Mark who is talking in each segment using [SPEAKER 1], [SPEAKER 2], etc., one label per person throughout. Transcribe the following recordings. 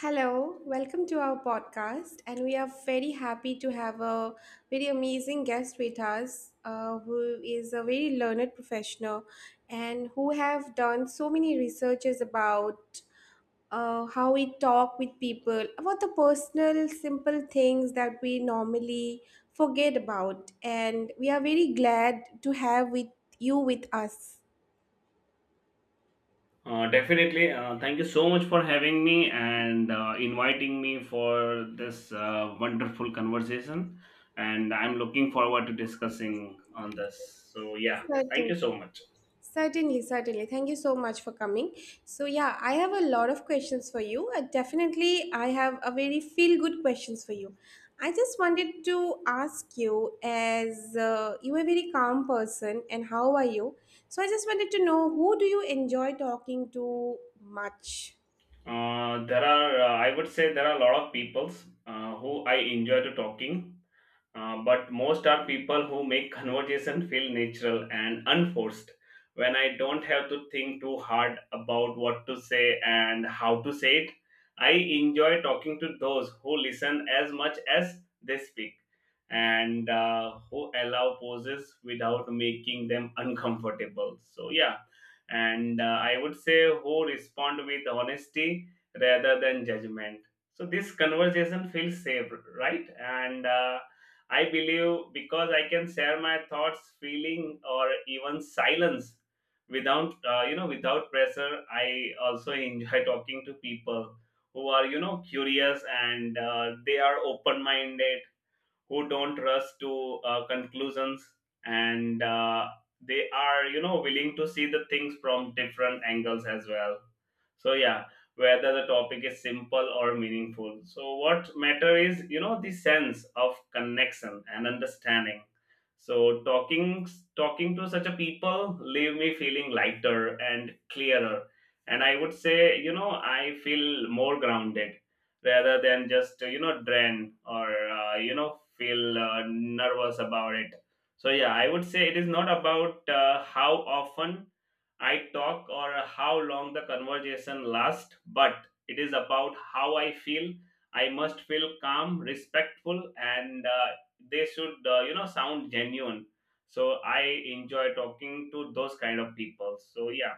[SPEAKER 1] Hello, welcome to our podcast, and we are very happy to have a very amazing guest with us, who is a very learned professional, and who have done so many researches about how we talk with people, about the personal, simple things that we normally forget about, and we are very glad to have with you with us.
[SPEAKER 2] Definitely. Thank you so much for having me and inviting me for this wonderful conversation. And I'm looking forward to discussing on this. So yeah, thank
[SPEAKER 1] Certainly.
[SPEAKER 2] you so much.
[SPEAKER 1] Certainly, certainly. Thank you so much for coming. So, yeah, I have a lot of questions for you. Definitely, I have a very feel good questions for you. I just wanted to ask you, as you are a very calm person, and how are you? So, I just wanted to know who do you enjoy talking to much?
[SPEAKER 2] There are, I would say, there are a lot of peoples who I enjoy to talking. But most are people who make conversation feel natural and unforced, when I don't have to think too hard about what to say and how to say it. I enjoy talking to those who listen as much as they speak, and who allow pauses without making them uncomfortable. So yeah, and I would say, who respond with honesty rather than judgment, so this conversation feels safe, right? and I believe because I can share my thoughts, feeling, or even silence without without pressure. I also enjoy talking to people who are curious, and they are open minded, who don't rush to conclusions, and they are willing to see the things from different angles as well. So yeah, whether the topic is simple or meaningful, so what matter is the sense of connection and understanding. So talking to such a people leave me feeling lighter and clearer, and I would say I feel more grounded rather than just drain or feel nervous about it. So yeah, I would say it is not about how often I talk, or how long the conversation lasts, but it is about how I feel. I must feel calm, respectful, and they should sound genuine. So I enjoy talking to those kind of people. So yeah,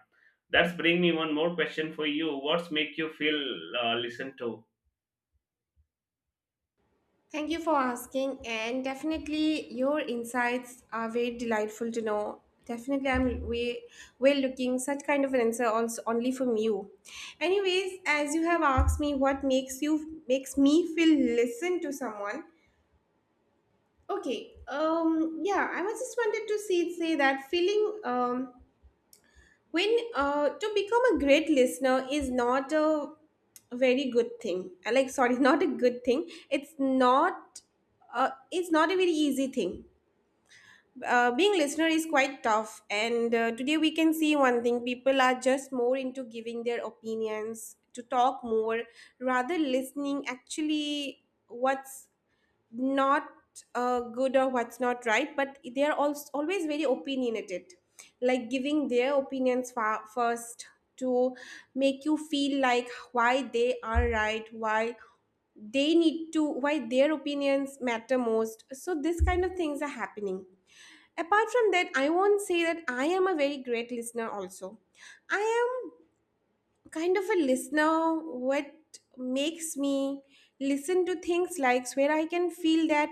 [SPEAKER 2] that's bring me one more question for you. What's make you feel listened to?
[SPEAKER 1] Thank you for asking, and definitely your insights are very delightful to know. Definitely, I'm way well looking such kind of an answer also only from you. Anyways, as you have asked me, what makes you makes me feel listen to someone? Okay, yeah, I was just wanted to see say that feeling when to become a great listener is not a very good thing. Like, sorry, not a good thing. It's not. It's not a very easy thing. Being listener is quite tough, and today we can see one thing: people are just more into giving their opinions, to talk more, rather listening actually what's not good or what's not right, but they are also always very opinionated, like giving their opinions first to make you feel like why they are right, why they need to, why their opinions matter most. So, this kind of things are happening. Apart from that, I won't say that I am a very great listener, also. I am kind of a listener, what makes me listen to things like where I can feel that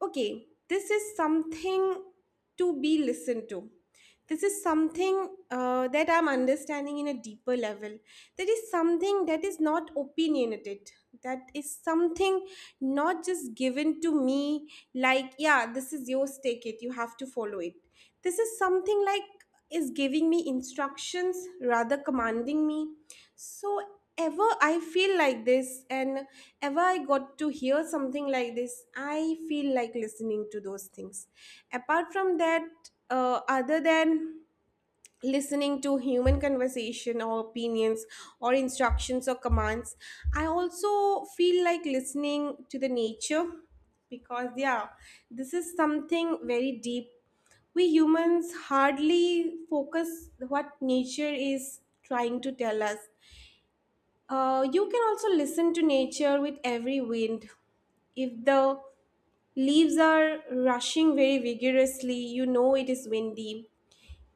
[SPEAKER 1] okay, this is something to be listened to. This is something that I'm understanding in a deeper level. There is something that is not opinionated. That is something not just given to me, like, yeah, this is yours, take it, you have to follow it. This is something like is giving me instructions rather commanding me. So ever I feel like this and ever I got to hear something like this, I feel like listening to those things. Apart from that, other than listening to human conversation or opinions or instructions or commands, I also feel like listening to the nature, because yeah, this is something very deep. We humans hardly focus what nature is trying to tell us. You can also listen to nature with every wind. If the leaves are rushing very vigorously, you know it is windy.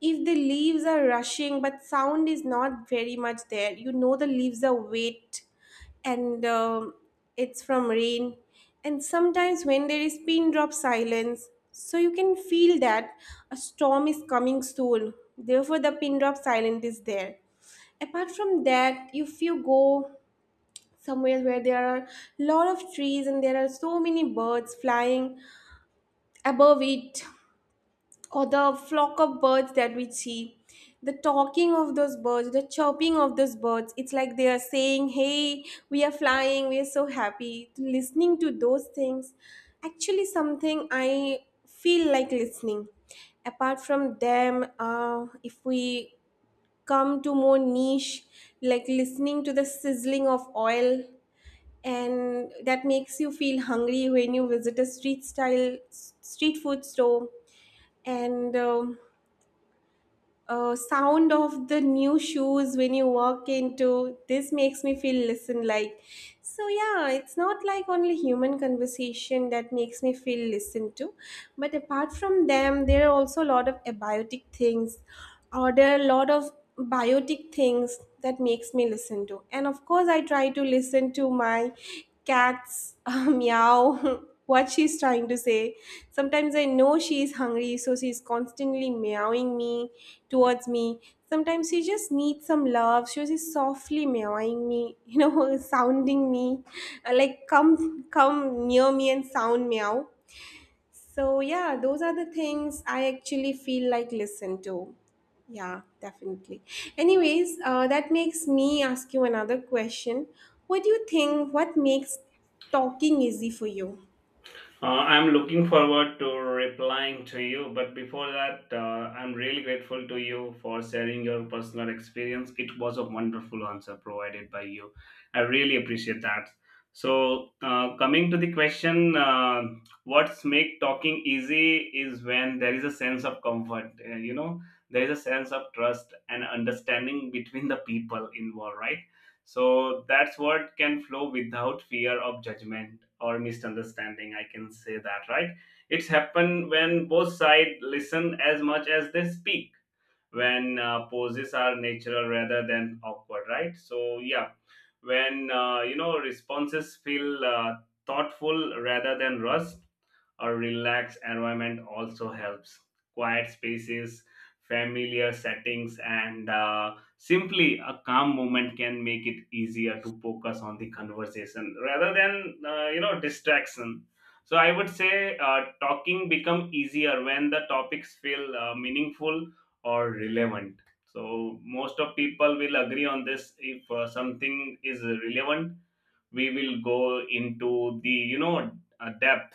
[SPEAKER 1] If the leaves are rushing but sound is not very much there, you know the leaves are wet and it's from rain. And sometimes when there is pin drop silence, so you can feel that a storm is coming soon. Therefore, the pin drop silence is there. Apart from that, if you go somewhere where there are a lot of trees and there are so many birds flying above it, or the flock of birds that we see, the talking of those birds, the chirping of those birds, it's like they are saying hey, we are flying, we are so happy. Listening to those things actually something I feel like listening. Apart from them, if we come to more niche, like listening to the sizzling of oil, and that makes you feel hungry when you visit a street style street food store. And sound of the new shoes when you walk into this makes me feel listen like. So yeah, it's not like only human conversation that makes me feel listened to, but apart from them there are also a lot of abiotic things, or there are a lot of biotic things that makes me listen to. And of course I try to listen to my cat's meow, what she's trying to say. Sometimes I know she's hungry, so she's constantly meowing me towards me. Sometimes she just needs some love. She was softly meowing me, sounding me, like come, come near me and sound meow. So yeah, those are the things I actually feel like listen to. Yeah, definitely. Anyways, that makes me ask you another question. What do you think? What makes talking easy for you?
[SPEAKER 2] I'm looking forward to replying to you, but before that, I'm really grateful to you for sharing your personal experience. It was a wonderful answer provided by you. I really appreciate that. So, coming to the question, what's make talking easy is when there is a sense of comfort. There is a sense of trust and understanding between the people involved, right? So that's what can flow without fear of judgment or misunderstanding. I can say that, right? It's happen when both sides listen as much as they speak. When poses are natural rather than awkward, right? So yeah, when responses feel thoughtful rather than rushed. A relaxed environment also helps. Quiet spaces, familiar settings, and simply a calm moment can make it easier to focus on the conversation rather than distraction. So I would say talking become easier when the topics feel meaningful or relevant. So most of people will agree on this. If something is relevant, we will go into the depth,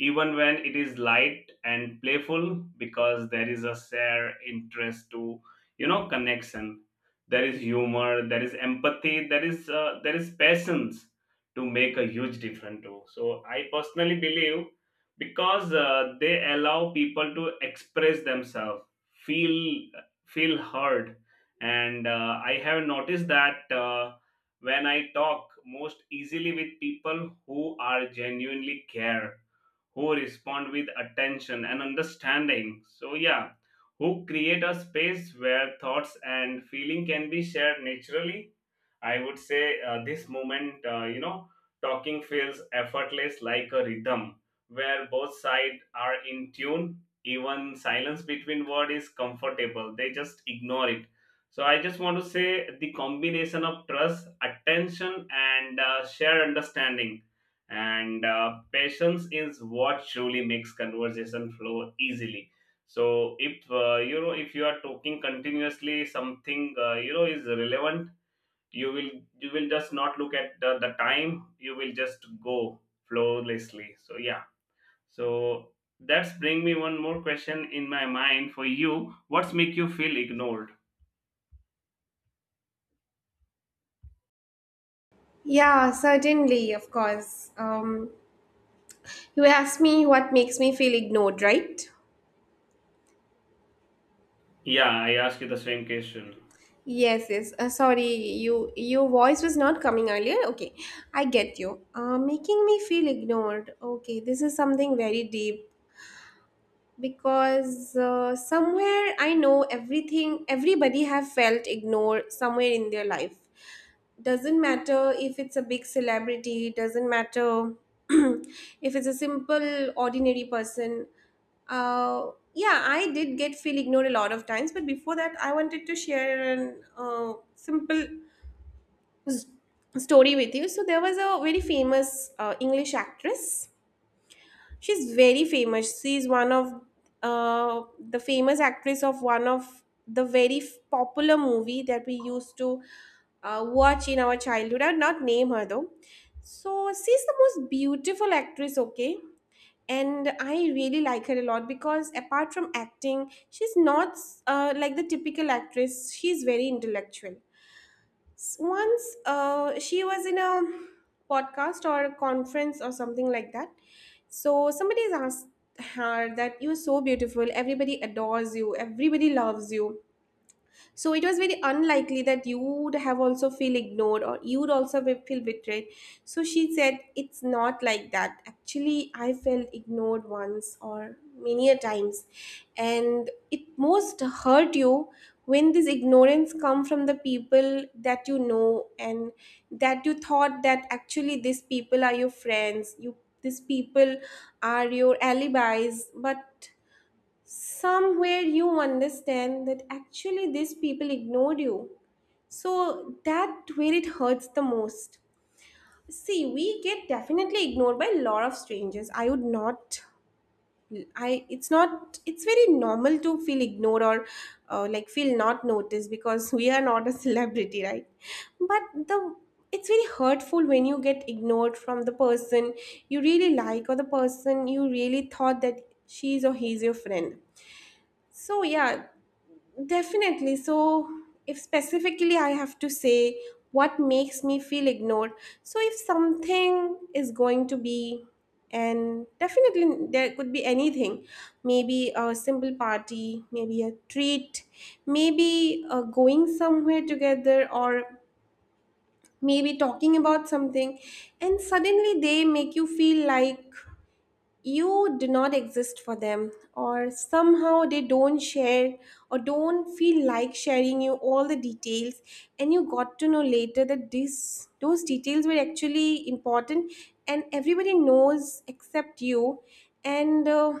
[SPEAKER 2] even when it is light and playful, because there is a shared interest to connection. There is humor, there is empathy, there is patience to make a huge difference too. So I personally believe, because they allow people to express themselves, feel feel heard. And I have noticed that when I talk most easily with people who are genuinely care, who respond with attention and understanding. So, yeah, who create a space where thoughts and feeling can be shared naturally. I would say this moment, talking feels effortless, like a rhythm where both sides are in tune. Even silence between words is comfortable, they just ignore it. So, I just want to say the combination of trust, attention, and shared understanding and patience is what truly makes conversation flow easily. So if if you are talking continuously something is relevant, you will you will just not look at the time. You will just go flawlessly. So yeah, so that's bring me one more question in my mind for you. What's make you feel ignored?
[SPEAKER 1] Yeah, certainly, of course. You asked me what makes me feel ignored, right?
[SPEAKER 2] Yeah, I ask you the same question.
[SPEAKER 1] Yes, yes. Sorry, your voice was not coming earlier. Okay, I get you. Making me feel ignored. Okay, this is something very deep. Because somewhere I know everything, everybody have felt ignored somewhere in their life. Doesn't matter if it's a big celebrity, doesn't matter if it's a simple ordinary person. uh, yeah, I did get feel ignored a lot of times, but before that I wanted to share an simple s- story with you. So there was a very famous english actress. She's very famous. She's one of the famous actress of one of the very popular movie that we used to watch in our childhood. I'll not name her though. So she's the most beautiful actress. Okay, and I really like her a lot because apart from acting she's not like the typical actress, she's very intellectual. Once she was in a podcast or a conference or something like that. So somebody has asked her that you're so beautiful, everybody adores you, everybody loves you. So it was very unlikely that you would have also feel ignored or you would also feel betrayed. So she said, "It's not like that. Actually, I felt ignored once or many a times. And it most hurt you when this ignorance come from the people that you know and that you thought that actually these people are your friends, you these people are your alibis, but somewhere you understand that actually these people ignored you. So that where it hurts the most." See, we get definitely ignored by a lot of strangers. I would not. I It's not, it's very normal to feel ignored or like feel not noticed because we are not a celebrity, right? But the it's very hurtful when you get ignored from the person you really like or the person you really thought that she's or he's your friend. So yeah, definitely. So, if specifically I have to say what makes me feel ignored, so if something is going to be, and definitely there could be anything, maybe a simple party, maybe a treat, maybe going somewhere together, or maybe talking about something, and suddenly they make you feel like you do not exist for them, or somehow they don't share or don't feel like sharing you all the details, and you got to know later that this those details were actually important and everybody knows except you. And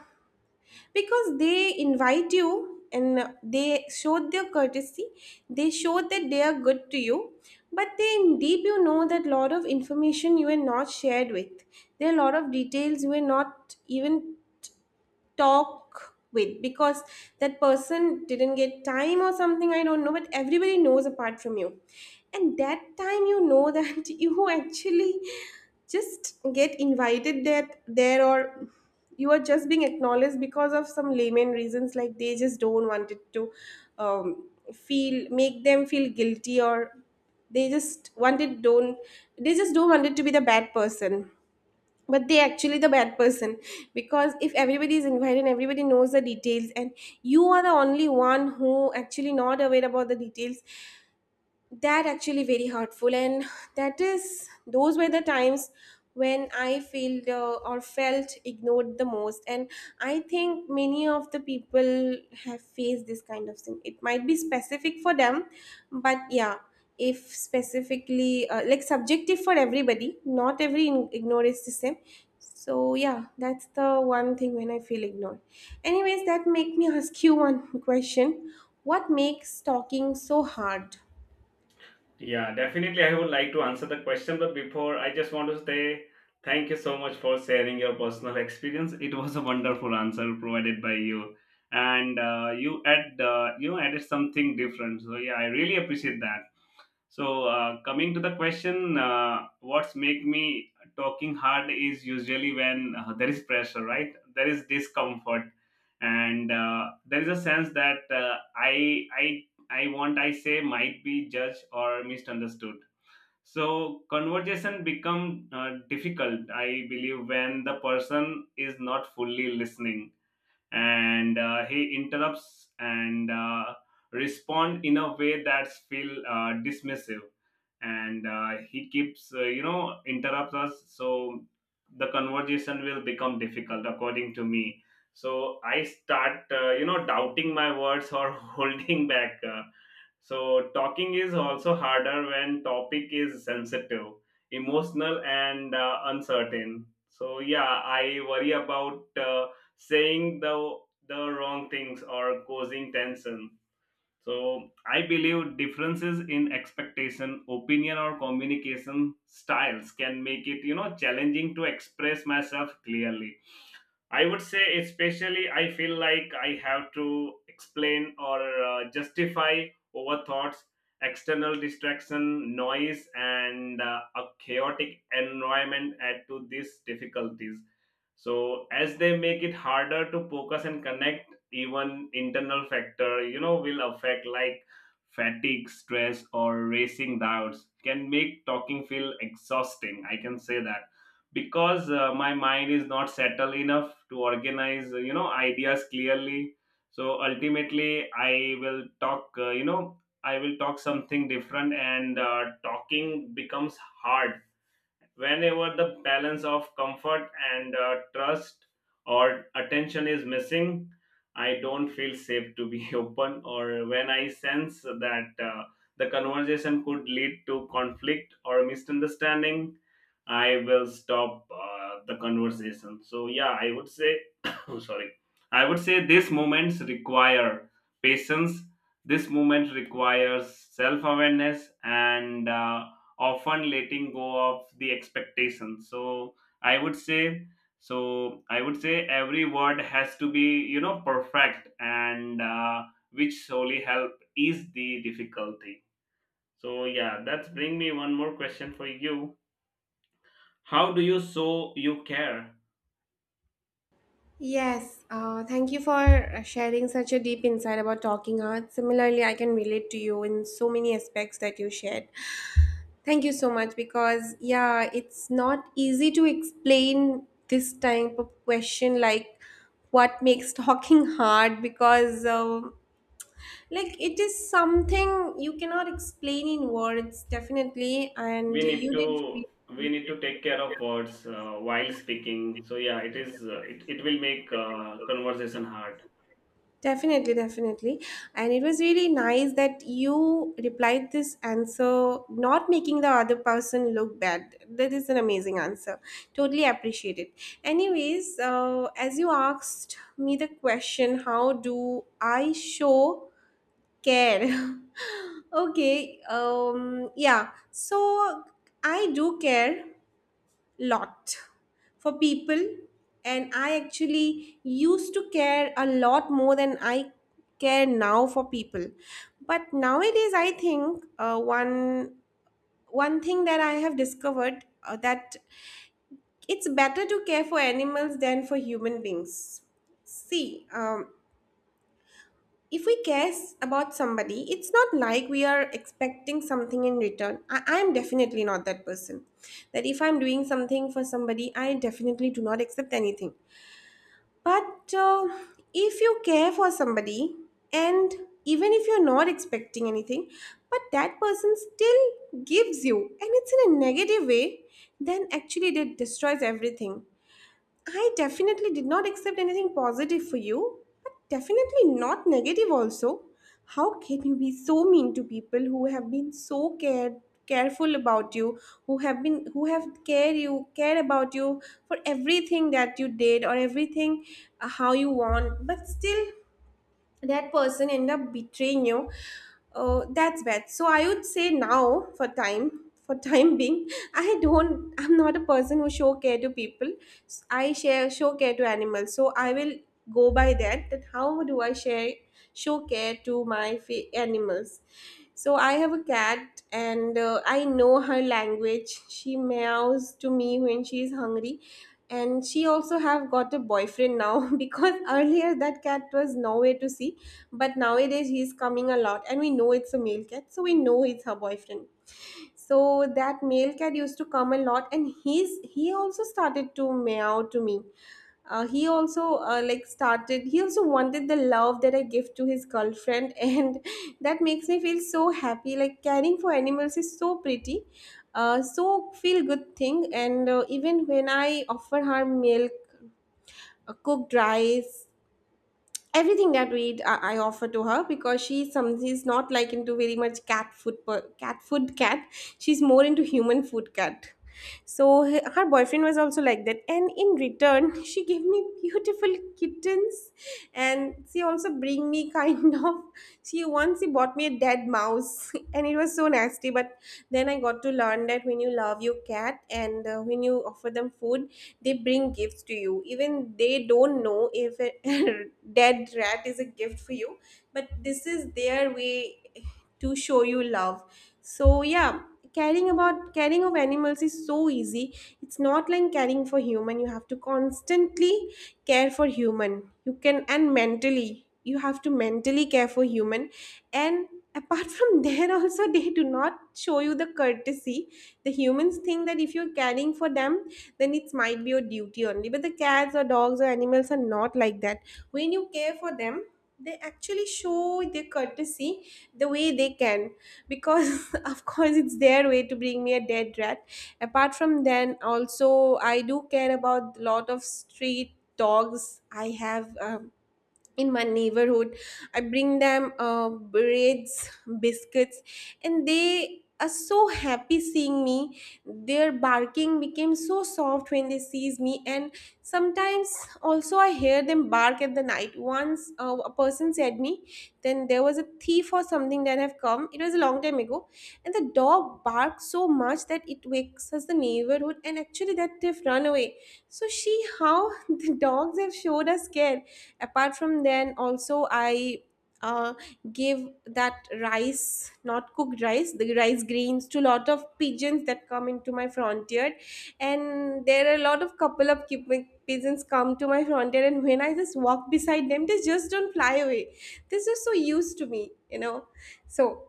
[SPEAKER 1] because they invite you, and they showed their courtesy, they showed that they are good to you, but they deep you know that lot of information you were not shared with, there are a lot of details you were not even talk with because that person didn't get time or something, I don't know, but everybody knows apart from you. And that time you know that you actually just get invited that there, or you are just being acknowledged because of some layman reasons, like they just don't want it to feel make them feel guilty, or they just wanted don't, they just don't want it to be the bad person, but they actually the bad person. Because if everybody is invited and everybody knows the details, and you are the only one who actually not aware about the details, that actually very hurtful. And that is, those were the times when I felt or felt ignored the most. And I think many of the people have faced this kind of thing, it might be specific for them, but yeah, if specifically like subjective for everybody, not every ignore is the same. So yeah, that's the one thing when I feel ignored. Anyways, that make me ask you one question: what makes talking so hard?
[SPEAKER 2] Yeah, definitely. I would like to answer the question, but before I just want to say thank you so much for sharing your personal experience. It was a wonderful answer provided by you, and you added something different. So yeah, I really appreciate that. So coming to the question, what's make me talking hard is usually when there is pressure, right? There is discomfort, and there is a sense that I want I say might be judged or misunderstood. So conversation become difficult, I believe, when the person is not fully listening, and he interrupts, and respond in a way that's feel dismissive, and he keeps interrupts us. So the conversation will become difficult according to me. So I start doubting my words or holding back. So talking is also harder when topic is sensitive, emotional, and uncertain. So yeah, I worry about saying the wrong things or causing tension. So I believe differences in expectation, opinion, or communication styles can make it challenging to express myself clearly. I would say, especially, I feel like I have to explain or justify over thoughts. External distraction, noise, and a chaotic environment add to these difficulties. So, as they make it harder to focus and connect, even internal factor, will affect, like fatigue, stress, or racing doubts, can make talking feel exhausting. I can say that because my mind is not settled enough to organize ideas clearly. So ultimately I will talk I will talk something different, and talking becomes hard whenever the balance of comfort and trust or attention is missing. I don't feel safe to be open, or when I sense that the conversation could lead to conflict or misunderstanding, I will stop the conversation. So yeah, I would say oh, sorry, I would say these moments require patience. This moment requires self-awareness, and often letting go of the expectations. So i would say so I would say every word has to be perfect, and which solely help is the difficulty. So yeah, that's bring me one more question for you. How do you show you care?
[SPEAKER 1] Yes, thank you for sharing such a deep insight about talking art. Similarly, I can relate to you in so many aspects that you shared. Thank you so much because, yeah, it's not easy to explain this type of question like what makes talking hard because, like, it is something you cannot explain in words, definitely. And
[SPEAKER 2] We need
[SPEAKER 1] you did.
[SPEAKER 2] to
[SPEAKER 1] Really
[SPEAKER 2] we
[SPEAKER 1] well.
[SPEAKER 2] need to take care of words while speaking. So yeah, it is it will make conversation hard.
[SPEAKER 1] Definitely, definitely. And it was really nice that you replied this answer, not making the other person look bad. That is an amazing answer. Totally appreciate it. Anyways, as you asked me the question, how do I show care? Okay, so I do care lot for people, and I actually used to care a lot more than I care now for people, but nowadays I think one thing that I have discovered that it's better to care for animals than for human beings. See, if we cares about somebody, it's not like we are expecting something in return. I'm definitely not that person that if I'm doing something for somebody, I definitely do not accept anything. But if you care for somebody, and even if you're not expecting anything, but that person still gives you and it's in a negative way, then actually it destroys everything. I definitely did not accept anything positive for you, but definitely not negative also. How can you be so mean to people who have been so cared careful about you, who have care about you for everything that you did or everything, how you want, but still that person end up betraying you. That's bad. So I would say now for time for time being, I'm not a person who show care to people. I share show care to animals. So I will go by that, how do I share show care to my animals. So I have a cat, and I know her language. She meows to me when she is hungry. And she also have got a boyfriend now, because earlier that cat was nowhere to see, but nowadays he's coming a lot, and we know it's a male cat, so we know it's her boyfriend. So that male cat used to come a lot, and he also started to meow to me. He also like started, he also wanted the love that I give to his girlfriend. And that makes me feel so happy. Like, caring for animals is so pretty. So feel good thing. And even when I offer her milk, cooked rice, everything that I offer to her, because she's some, she's not like into very much cat food cat. She's more into human food cat. So her boyfriend was also like that. And in return, she gave me beautiful kittens. And she also bring me kind of, she once, she bought me a dead mouse, and it was so nasty. But then I got to learn that when you love your cat, and when you offer them food, they bring gifts to you. Even they don't know if a dead rat is a gift for you, but this is their way to show you love. So yeah, caring of animals is so easy. It's not like caring for human. You have to constantly care for human. You can and mentally you have to Mentally care for human. And apart from, there also, they do not show you the courtesy. The humans think that if you're caring for them, then it might be your duty only, but the cats or dogs or animals are not like that. When you care for them, they actually show their courtesy the way they can, because of course it's their way to bring me a dead rat. Apart from then also, I do care about lot of street dogs. I have, in my neighborhood, I bring them breads, biscuits. And they are so happy seeing me. Their barking became so soft when they sees me. And sometimes also I hear them bark at the night. Once a person said me then there was a thief or something that have come. It was a long time ago, and the dog barked so much that it wakes us the neighborhood, and actually that they've run away. So she, how the dogs have showed us care. Apart from then also, I uh, give that rice, not cooked rice, the rice grains to lot of pigeons that come into my frontier. And there are a lot of couple of Quebec pigeons come to my frontier, and when I just walk beside them, they just don't fly away. This is so used to me, you know. So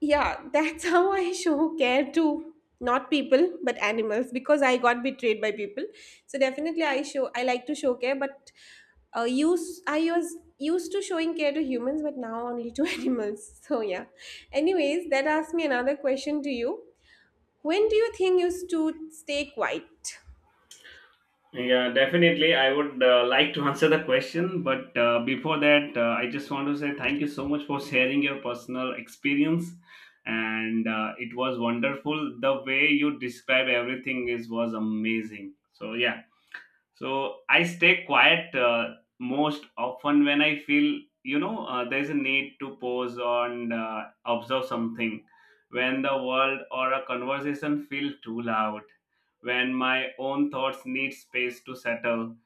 [SPEAKER 1] yeah, that's how I show care to not people but animals, because I got betrayed by people. So definitely I show, I like to show care, but use I was used to showing care to humans, but now only to animals. So yeah. Anyways, that asks me another question to you. When do you think you should stay quiet?
[SPEAKER 2] Yeah, definitely. I would like to answer the question, but before that, I just want to say thank you so much for sharing your personal experience, and it was wonderful. The way you describe everything is was amazing. So yeah, so I stay quiet most often when I feel, there's a need to pause and observe something. When the world or a conversation feel too loud. When my own thoughts need space to settle.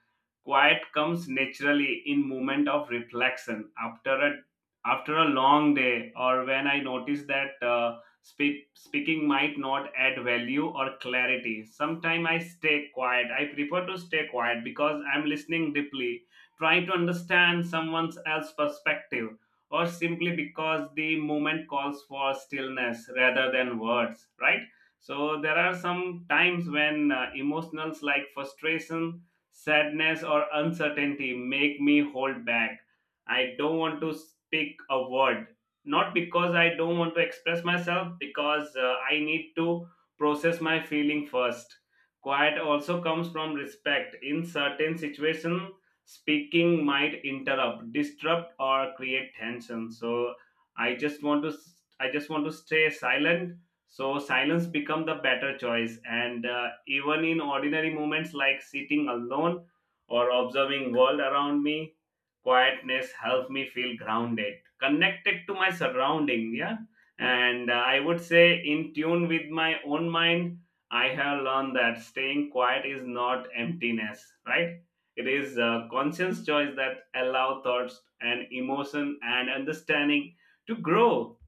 [SPEAKER 2] Quiet comes naturally in moment of reflection after a long day, or when I notice that speaking might not add value or clarity. Sometimes I stay quiet. I prefer to stay quiet because I'm listening deeply, trying to understand someone else's perspective, or simply because the moment calls for stillness rather than words, right? So there are some times when emotions like frustration, sadness, or uncertainty make me hold back. I don't want to speak a word, not because I don't want to express myself, because I need to process my feeling first. Quiet also comes from respect in certain situation. Speaking might interrupt, disrupt, or create tension, so I just want to I just want to stay silent. So silence become the better choice, and even in ordinary moments like sitting alone or observing world around me, quietness help me feel grounded, connected to my surrounding. Yeah, and I would say in tune with my own mind. I have learned that staying quiet is not emptiness, right? It is a conscious choice that allow thoughts and emotion and understanding to grow,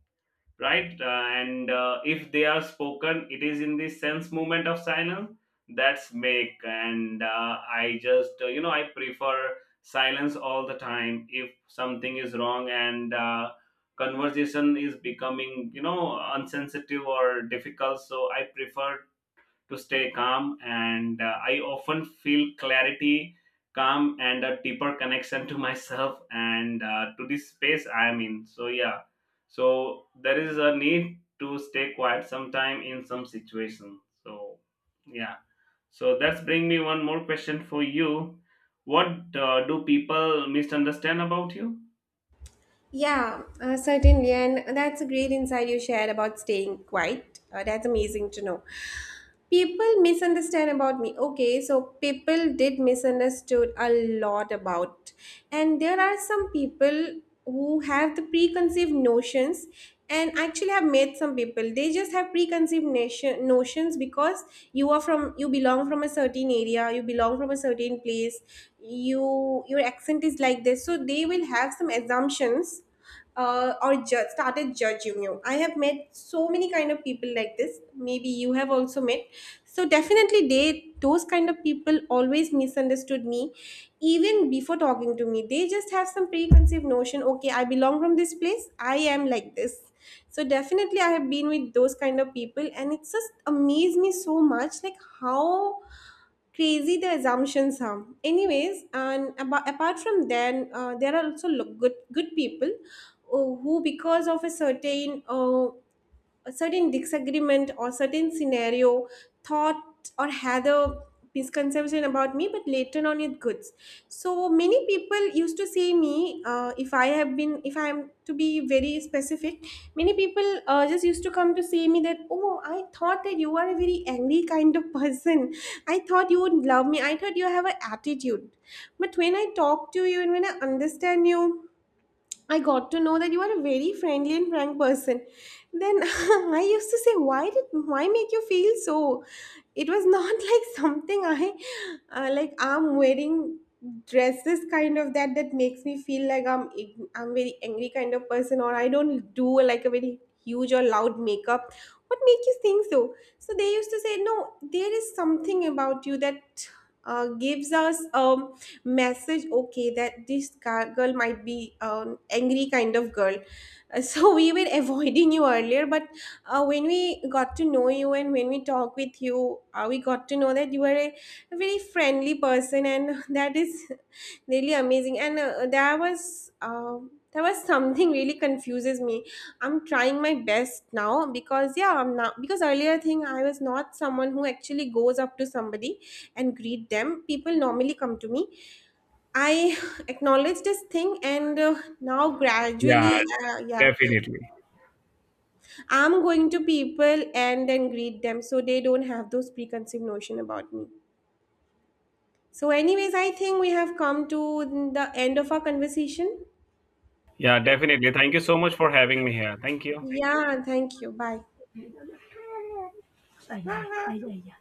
[SPEAKER 2] right? And if they are spoken, it is in the sense movement of silence. That's make, and I just I prefer silence all the time. If something is wrong, and conversation is becoming unsensitive or difficult, so I prefer to stay calm. And I often feel clarity, calm, and a deeper connection to myself and to this space I am in. So, yeah. So, there is a need to stay quiet sometime in some situation. So, yeah. So that's bring me one more question for you. What do people misunderstand about you?
[SPEAKER 1] Yeah, certainly. And that's a great insight you shared about staying quiet. That's amazing to know. People misunderstand about me. Okay, so people did misunderstood a lot about. And there are some people who have the preconceived notions. And actually have met some people, they just have notions, because you are from, you belong from a certain area, you belong from a certain place, you your accent is like this, so they will have some assumptions, or started judging you. I have met so many kind of people like this. Maybe you have also met. So definitely they, those kind of people always misunderstood me. Even before talking to me, they just have some preconceived notion. Okay, I belong from this place, I am like this. So definitely I have been with those kind of people, and it's just amazed me so much, like how crazy the assumptions are. Anyways, and apart from then, there are also good people, who, because of a certain, a certain disagreement or certain scenario, thought or had a misconception about me, but later on it goods. So many people used to say me, if I have been, if I am to be very specific, many people just used to come to say me that, oh, I thought that you are a very angry kind of person, I thought you would love me, I thought you have an attitude. But when I talk to you and when I understand you, I got to know that you are a very friendly and frank person. Then I used to say, why make you feel so? It was not like something I, like, I'm wearing dresses kind of that makes me feel like I'm very angry kind of person, or I don't do like a very huge or loud makeup. What makes you think so? So they used to say, no, there is something about you that gives us message. Okay, that this girl might be angry kind of girl. So we were avoiding you earlier, but when we got to know you and when we talk with you, we got to know that you are a very friendly person, and that is really amazing. And there was something really confuses me. I'm trying my best now, because yeah, I'm not, because earlier thing, I was not someone who actually goes up to somebody and greet them. People normally come to me. I acknowledge this thing. And now
[SPEAKER 2] Yeah,
[SPEAKER 1] gradually, yeah,
[SPEAKER 2] definitely.
[SPEAKER 1] I'm going to people and then greet them, so they don't have those preconceived notion about me. So, anyways, I think we have come to the end of our conversation.
[SPEAKER 2] Yeah, definitely. Thank you so much for having me here. Thank you.
[SPEAKER 1] Yeah, thank you. Bye.
[SPEAKER 2] Ah, yeah, yeah, yeah.